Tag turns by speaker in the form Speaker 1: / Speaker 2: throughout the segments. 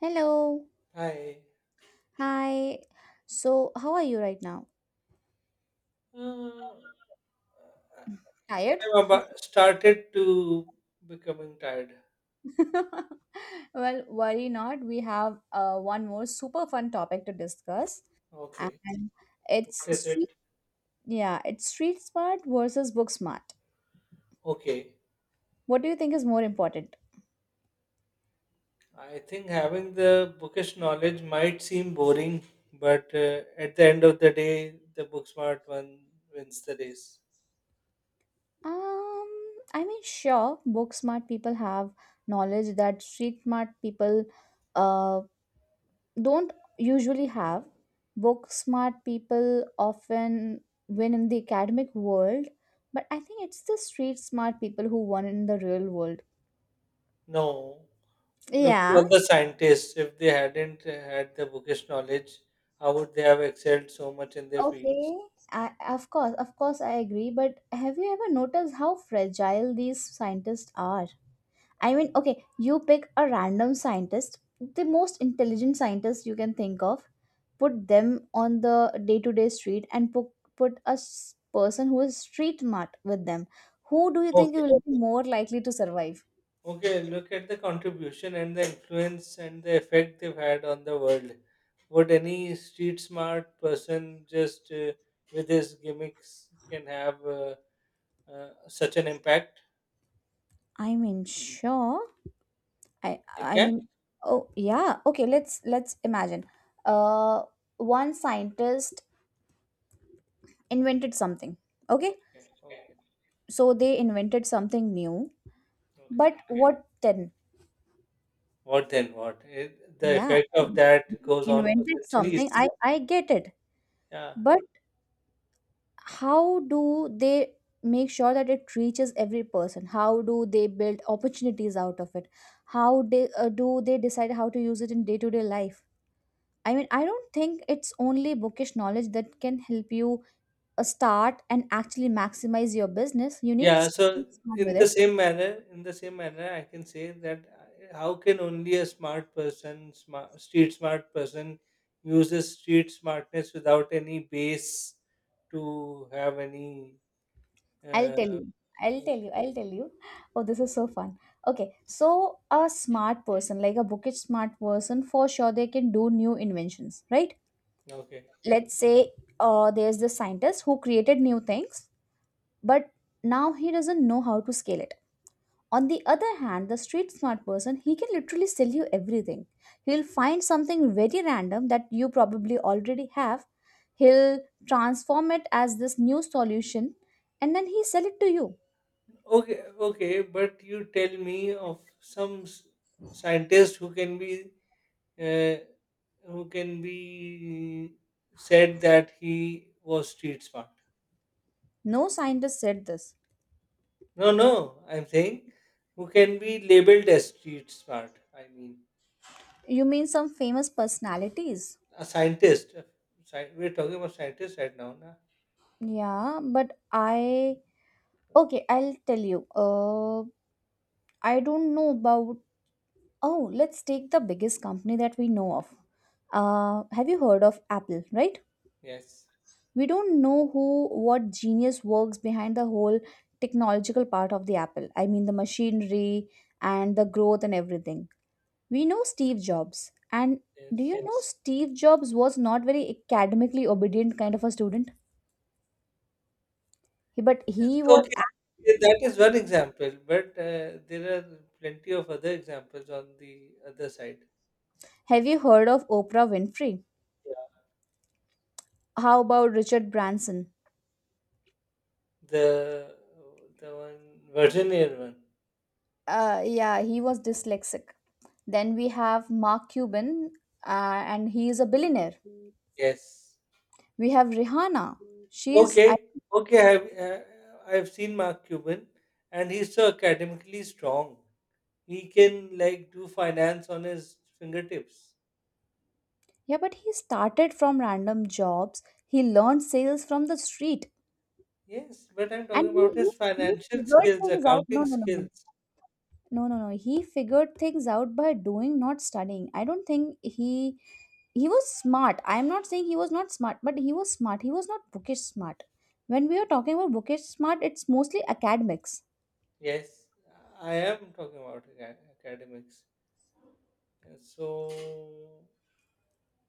Speaker 1: Hello.
Speaker 2: I
Speaker 1: Hi. So, how are you right now?
Speaker 2: uh, I
Speaker 1: Tired?
Speaker 2: remember started to becoming tired.
Speaker 1: Well, worry not. We have one more super fun topic to discuss,
Speaker 2: Okay,
Speaker 1: and
Speaker 2: what
Speaker 1: it's
Speaker 2: is it?
Speaker 1: street. Yeah, it's street smart versus book smart.
Speaker 2: Okay,
Speaker 1: What do you think is more important?
Speaker 2: I think having the bookish knowledge might seem boring, but at the end of the day, the book smart one wins the race.
Speaker 1: Um, I mean, sure, book smart people have knowledge that street smart people, uh, don't usually have. Book smart people often win in the academic world, but I think it's the street smart people who won in the real world.
Speaker 2: No, look at
Speaker 1: Yeah.
Speaker 2: all the scientists. If they hadn't had the bookish knowledge, how would they have excelled so much in their fields?
Speaker 1: Okay, I, of course, I agree. But have you ever noticed how fragile these scientists are? I mean, okay, you pick a random scientist, the most intelligent scientist you can think of, put them on the day-to-day street and put a person who is street smart with them. Who do you think
Speaker 2: Okay.
Speaker 1: will be more likely to survive?
Speaker 2: Okay, look at the contribution and the influence and the effect they've had on the world. Would any street smart person just with his gimmicks can have such an impact?
Speaker 1: I mean, sure. i
Speaker 2: They
Speaker 1: i
Speaker 2: can.
Speaker 1: mean, oh yeah, okay, let's imagine uh one scientist invented something. Okay,
Speaker 2: Okay, okay,
Speaker 1: so they invented something new,
Speaker 2: okay.
Speaker 1: but what then?
Speaker 2: What then? What? It, the
Speaker 1: Yeah,
Speaker 2: effect of
Speaker 1: they
Speaker 2: that goes on for
Speaker 1: invented something,
Speaker 2: centuries.
Speaker 1: i i get it.
Speaker 2: Yeah.
Speaker 1: But how do they make sure that it reaches every person? How do they build opportunities out of it? How do they decide how to use it in day-to-day life? I mean, I don't think it's only bookish knowledge that can help you start and actually maximize your business. You need to
Speaker 2: Yeah, so
Speaker 1: start with
Speaker 2: in the
Speaker 1: it.
Speaker 2: same manner, in the same manner, I can say that how can only a smart person, street smart person, uses street smartness without any base to have any.
Speaker 1: I'll tell
Speaker 2: Uh,
Speaker 1: you I'll tell you I'll tell you Oh, this is so fun. Okay, so a smart person, like a bookish smart person, for sure they can do new inventions, right?
Speaker 2: okay,
Speaker 1: Let's say there's this scientist who created new things, but now he doesn't know how to scale it. On the other hand, the street smart person, he can literally sell you everything. He'll find something very random that you probably already have. He'll transform it as this new solution, and then he sell it to you.
Speaker 2: okay. But you tell me of some scientist uh, who can be said that he was street smart.
Speaker 1: No scientist said this.
Speaker 2: No, no. I'm saying who can be labeled as street smart. I mean,
Speaker 1: You mean some famous personalities?
Speaker 2: a scientist. We're talking about scientists right now, na?
Speaker 1: Yeah, but I okay, I'll tell you. I don't know about. Oh, let's take the biggest company that we know of. Have you heard of Apple, right?
Speaker 2: Yes,
Speaker 1: We don't know who, what genius works behind the whole technological part of the Apple. I mean, the machinery and the growth and everything. We know Steve Jobs. And do
Speaker 2: yes.
Speaker 1: you know? Yes. Steve Jobs was not very academically obedient kind of a student? But
Speaker 2: Yes,
Speaker 1: he was.
Speaker 2: okay, okay, that is one example, but there are plenty of other examples on the other side.
Speaker 1: Have you heard of Oprah Winfrey?
Speaker 2: Yeah.
Speaker 1: How about Richard Branson?
Speaker 2: The the one Virgin Air one.
Speaker 1: Yeah, he was dyslexic. Then we have Mark Cuban, and he is a billionaire.
Speaker 2: Yes.
Speaker 1: We have Rihanna. She's I,
Speaker 2: Okay. Okay. I've seen Mark Cuban, and he's so academically strong. He can like do finance on his fingertips.
Speaker 1: yeah, but he started from random jobs. He learned sales from the street,
Speaker 2: Yes, but I'm
Speaker 1: and
Speaker 2: talking
Speaker 1: he
Speaker 2: about
Speaker 1: he,
Speaker 2: his
Speaker 1: he
Speaker 2: financial
Speaker 1: figured
Speaker 2: skills,
Speaker 1: things out. No,
Speaker 2: accounting
Speaker 1: no, no, no.
Speaker 2: skills.
Speaker 1: No, no, no. He figured things out by doing, not studying. I don't think he was smart. I am not saying he was not smart, but he was smart. He was not bookish smart. When we are talking about bookish smart, it's mostly academics.
Speaker 2: Yes, I am talking about academics. And so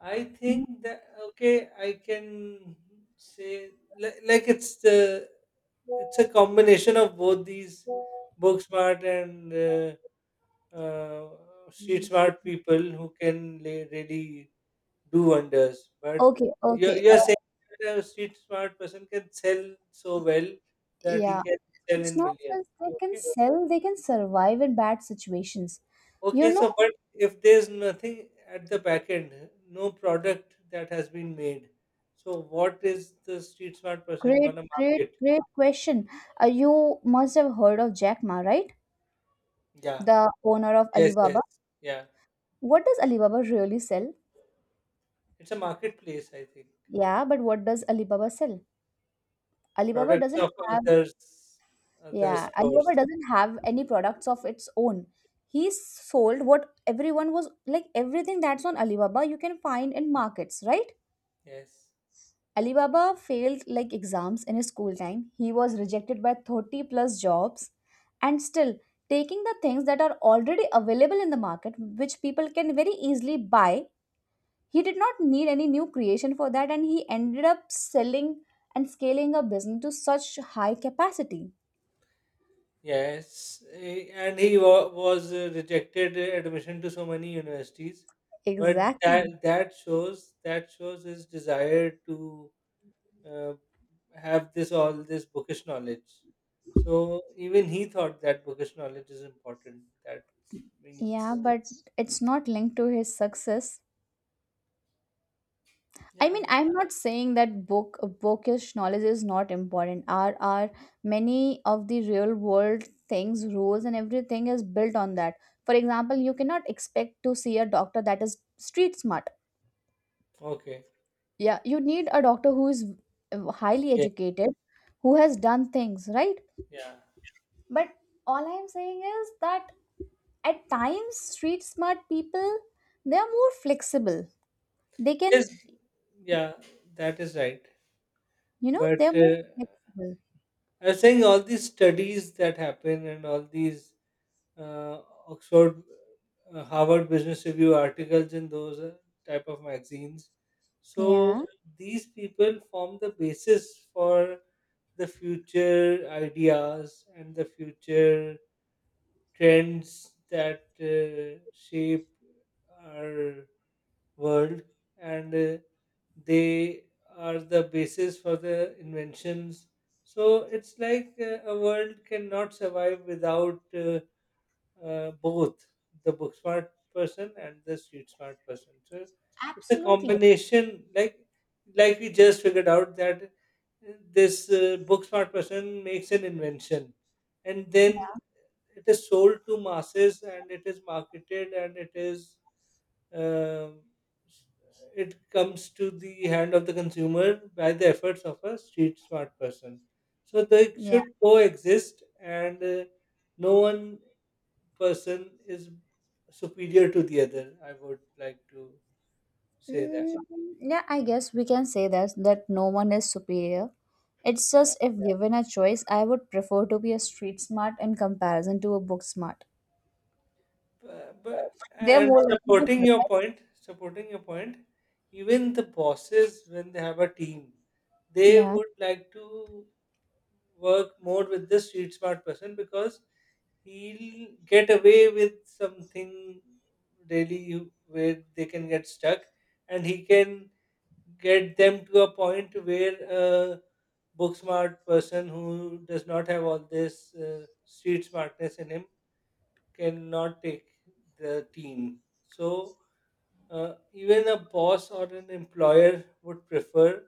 Speaker 2: I
Speaker 1: Mhm.
Speaker 2: think that okay, I can say like it's the, it's a combination of both these book smart and uh, street smart people who can really do wonders. But
Speaker 1: Okay, okay.
Speaker 2: you're saying that a street smart person can sell so well that he
Speaker 1: Yeah.
Speaker 2: can sell
Speaker 1: It's
Speaker 2: in
Speaker 1: not
Speaker 2: millions.
Speaker 1: just they can
Speaker 2: Okay.
Speaker 1: sell, they can survive in bad situations. You
Speaker 2: Okay.
Speaker 1: know,
Speaker 2: So, but if there's nothing at the back end, no product that has been made, so what is the street smart person
Speaker 1: great,
Speaker 2: gonna
Speaker 1: great,
Speaker 2: market?
Speaker 1: great question. You must have heard of Jack Ma, right?
Speaker 2: Yeah.
Speaker 1: The owner of
Speaker 2: Yes. Yes.
Speaker 1: Alibaba.
Speaker 2: Yeah.
Speaker 1: What does Alibaba really sell?
Speaker 2: It's a marketplace, I think.
Speaker 1: Yeah, but what does Alibaba sell? Alibaba
Speaker 2: Products of
Speaker 1: doesn't have,
Speaker 2: others, other
Speaker 1: yeah, Alibaba
Speaker 2: stores.
Speaker 1: doesn't have any products of its own. He sold what everyone was, like everything that's on Alibaba you can find in markets, right?
Speaker 2: Yes.
Speaker 1: Alibaba failed like exams in his school time. He was rejected by 30 plus jobs and still taking the things that are already available in the market which people can very easily buy. He did not need any new creation for that, and he ended up selling and scaling a business to such high capacity.
Speaker 2: Yes, eh, and he was rejected admission to so many universities, but
Speaker 1: Exactly.
Speaker 2: that shows his desire to uh, have this all this bookish knowledge. So even he thought that bookish knowledge is important. That
Speaker 1: Yeah,
Speaker 2: means
Speaker 1: but it's not linked to his success. I
Speaker 2: yeah,
Speaker 1: mean, I'm not saying that bookish knowledge is not important. Are many of the real world things, rules, and everything is built on that. For example, you cannot expect to see a doctor that is street smart.
Speaker 2: okay,
Speaker 1: Yeah, you need a doctor who is highly
Speaker 2: yeah,
Speaker 1: educated, who has done things right.
Speaker 2: yeah,
Speaker 1: But all I'm saying is that at times, street smart people they are more flexible. They can,
Speaker 2: yes, yeah, that is right.
Speaker 1: you know,
Speaker 2: But
Speaker 1: they're more flexible.
Speaker 2: I was saying all these studies that happen and all these uh, Oxford, Harvard Business Review articles in those type of magazines. So
Speaker 1: Yeah,
Speaker 2: these people form the basis for the future ideas and the future trends that shape our world, and they are the basis for the inventions. So it's like a world cannot survive without. Both the book smart person and the street smart person. So it's a
Speaker 1: absolutely.
Speaker 2: combination, like we just figured out that this book smart person makes an invention, and then it is sold to masses, and it is marketed, and it is um, s- it comes to the hand of the consumer by the efforts of a street smart person. So they
Speaker 1: Yeah.
Speaker 2: should coexist, and no one person is superior to the other. I would like to say that.
Speaker 1: Mm, yeah, I guess we can say that that no one is superior. It's
Speaker 2: Yeah.
Speaker 1: just if given a choice, I would prefer to be a street smart in comparison to a book smart.
Speaker 2: But
Speaker 1: They're
Speaker 2: and
Speaker 1: more likely to survive.
Speaker 2: supporting your point, even the bosses when they have a team, they
Speaker 1: Yeah.
Speaker 2: would like to work more with the street smart person because he'll get away with something really where they can get stuck and he can get them to a point where a book smart person who does not have all this street smartness in him cannot take the team. So even a boss or an employer would prefer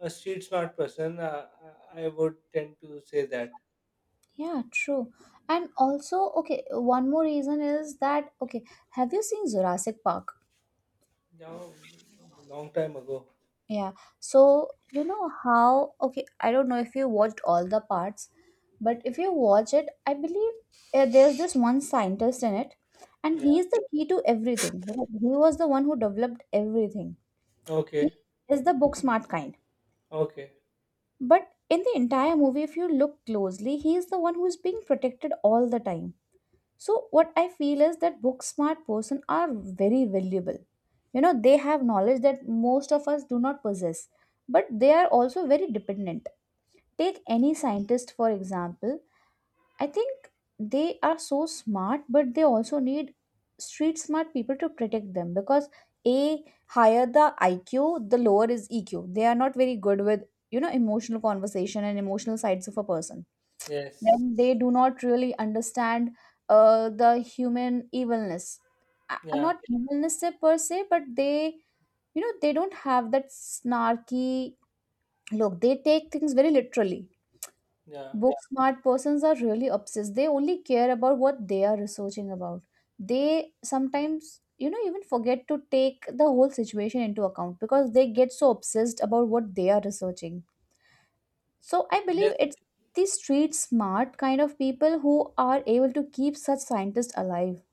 Speaker 2: a street smart person. I would tend to say that.
Speaker 1: Yeah, true. And also, okay, one more reason is that, okay, have you seen Jurassic Park?
Speaker 2: Now, long time ago.
Speaker 1: Yeah. So, you know how, okay, I don't know if you watched all the parts, but if you watch it, I believe there's this one scientist in it, and
Speaker 2: Yeah.
Speaker 1: he is the key to everything. Because He was the one who developed everything. He
Speaker 2: Okay.
Speaker 1: is the book smart kind.
Speaker 2: Okay.
Speaker 1: But in the entire movie, if you look closely, he is the one who is being protected all the time. So, what I feel is that book smart person are very valuable. You know, they have knowledge that most of us do not possess, but they are also very dependent. Take any scientist, for example. I think they are so smart, but they also need street smart people to protect them because a higher the IQ, the lower is EQ. They are not very good with you know emotional conversation and emotional sides of a person.
Speaker 2: Yes.
Speaker 1: Then they do not really understand the human evilness,
Speaker 2: Yeah.
Speaker 1: not evilness per se, but they you know they don't have that snarky look. They take things very literally.
Speaker 2: Yeah.
Speaker 1: Book smart persons are really obsessed, they only care about what they are researching about. They sometimes, you know, even forget to take the whole situation into account because they get so obsessed about what they are researching. So I
Speaker 2: Yes.
Speaker 1: believe it's the street smart kind of people who are able to keep such scientists alive.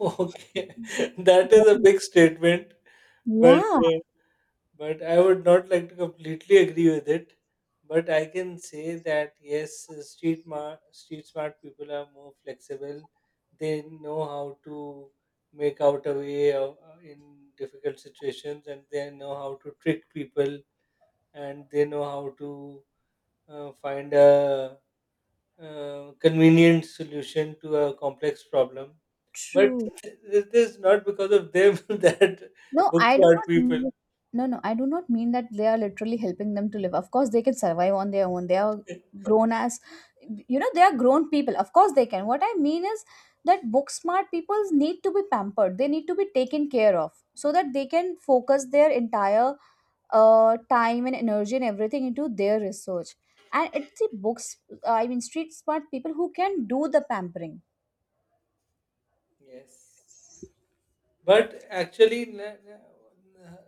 Speaker 2: Okay, that is a
Speaker 1: Yeah.
Speaker 2: big statement, but
Speaker 1: Yeah,
Speaker 2: uh, but I would not like to completely agree with it. But I can say that yes, street smart people are more flexible. They know how to make out a way of, in difficult situations, and they know how to trick people, and they know how to find a convenient solution to a complex problem but
Speaker 1: true.
Speaker 2: it is not because of them that
Speaker 1: No,
Speaker 2: books
Speaker 1: I do
Speaker 2: hurt
Speaker 1: not
Speaker 2: people.
Speaker 1: mean, no, no, I do not mean that they are literally helping them to live. Of course, they can survive on their own. They are grown as, you know, they are grown people. Of course, they can. What I mean is that book smart people need to be pampered. They need to be taken care of so that they can focus their entire time and energy and everything into their research, and it's the books I mean street smart people who can do the pampering.
Speaker 2: Yes, but actually,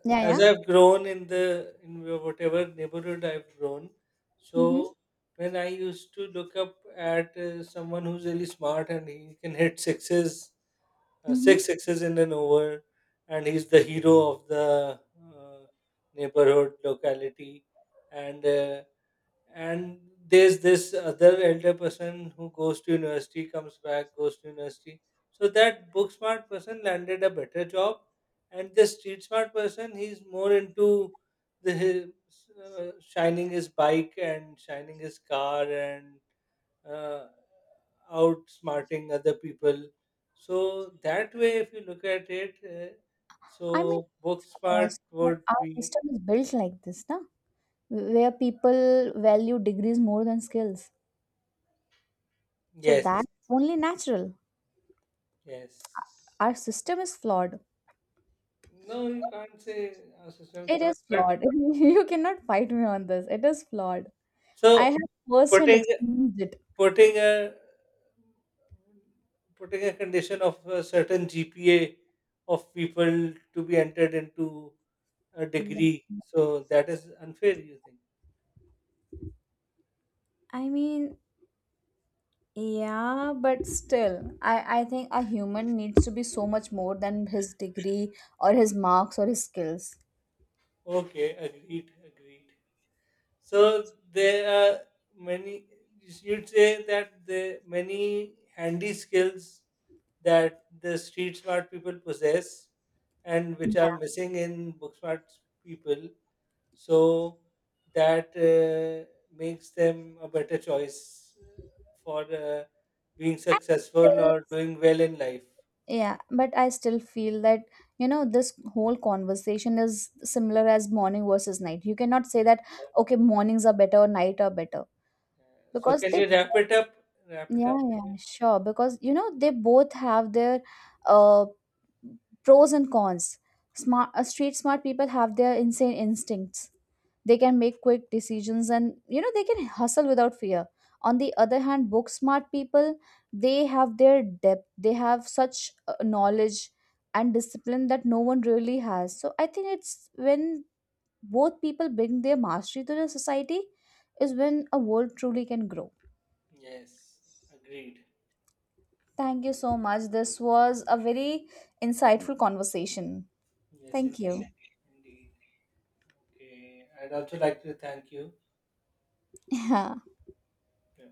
Speaker 1: Yeah,
Speaker 2: as
Speaker 1: yeah.
Speaker 2: I've grown in the in whatever neighborhood I've grown,
Speaker 1: Mm-hmm.
Speaker 2: so when I used to look up at someone who's really smart and he can hit sixes,
Speaker 1: Mm-hmm.
Speaker 2: six sixes in an over, and he's the hero of the uh, neighborhood locality, and uh, and there's this other elder person who goes to university comes back goes to university so that book smart person landed a better job and the street smart person he's more into the his, shining his bike and shining his car and uh, outsmarting other people so that way if you look at it
Speaker 1: I mean,
Speaker 2: so book
Speaker 1: of
Speaker 2: smart
Speaker 1: course
Speaker 2: would
Speaker 1: our
Speaker 2: be
Speaker 1: system is built like this, na? Where people value degrees more than skills, so
Speaker 2: yes
Speaker 1: that only natural.
Speaker 2: yes
Speaker 1: Our system is flawed.
Speaker 2: No, you can't say a system
Speaker 1: It
Speaker 2: slot.
Speaker 1: is
Speaker 2: But
Speaker 1: flawed. You cannot fight me on this. It is flawed. I
Speaker 2: so
Speaker 1: have first hand
Speaker 2: putting
Speaker 1: experienced it.
Speaker 2: putting a putting a condition of a certain GPA of people to be entered into a degree, so that is unfair. You think?
Speaker 1: i mean Yeah, but still, I think a human needs to be so much more than his degree or his marks or his skills.
Speaker 2: Okay, agreed, agreed. So there are many. You'd say that the many handy skills that the street smart people possess, and which are
Speaker 1: Yeah.
Speaker 2: missing in book smart people. So that makes them a better choice for being
Speaker 1: I
Speaker 2: successful
Speaker 1: still,
Speaker 2: or doing well in life.
Speaker 1: yeah, but I still feel that, you know, this whole conversation is similar as morning versus night. You cannot say
Speaker 2: Yeah.
Speaker 1: that, okay, mornings are better or night are better
Speaker 2: So
Speaker 1: because
Speaker 2: can
Speaker 1: they,
Speaker 2: you wrap it up? Wrap it up.
Speaker 1: yeah, yeah, sure, because, you know, they both have their uh, pros and cons. Smart Street smart people have their insane instincts. They can make quick decisions, and you know they can hustle without fear. On the other hand, book smart people, they have their depth, they have such knowledge and discipline that no one really has. So I think it's when both people bring their mastery to the society is when a world truly can grow.
Speaker 2: Yes, agreed.
Speaker 1: Thank you so much, this was a very insightful conversation.
Speaker 2: Yes,
Speaker 1: Thank you.
Speaker 2: indeed, indeed. Okay, I'd also like to thank you.
Speaker 1: Yeah.
Speaker 2: Yeah.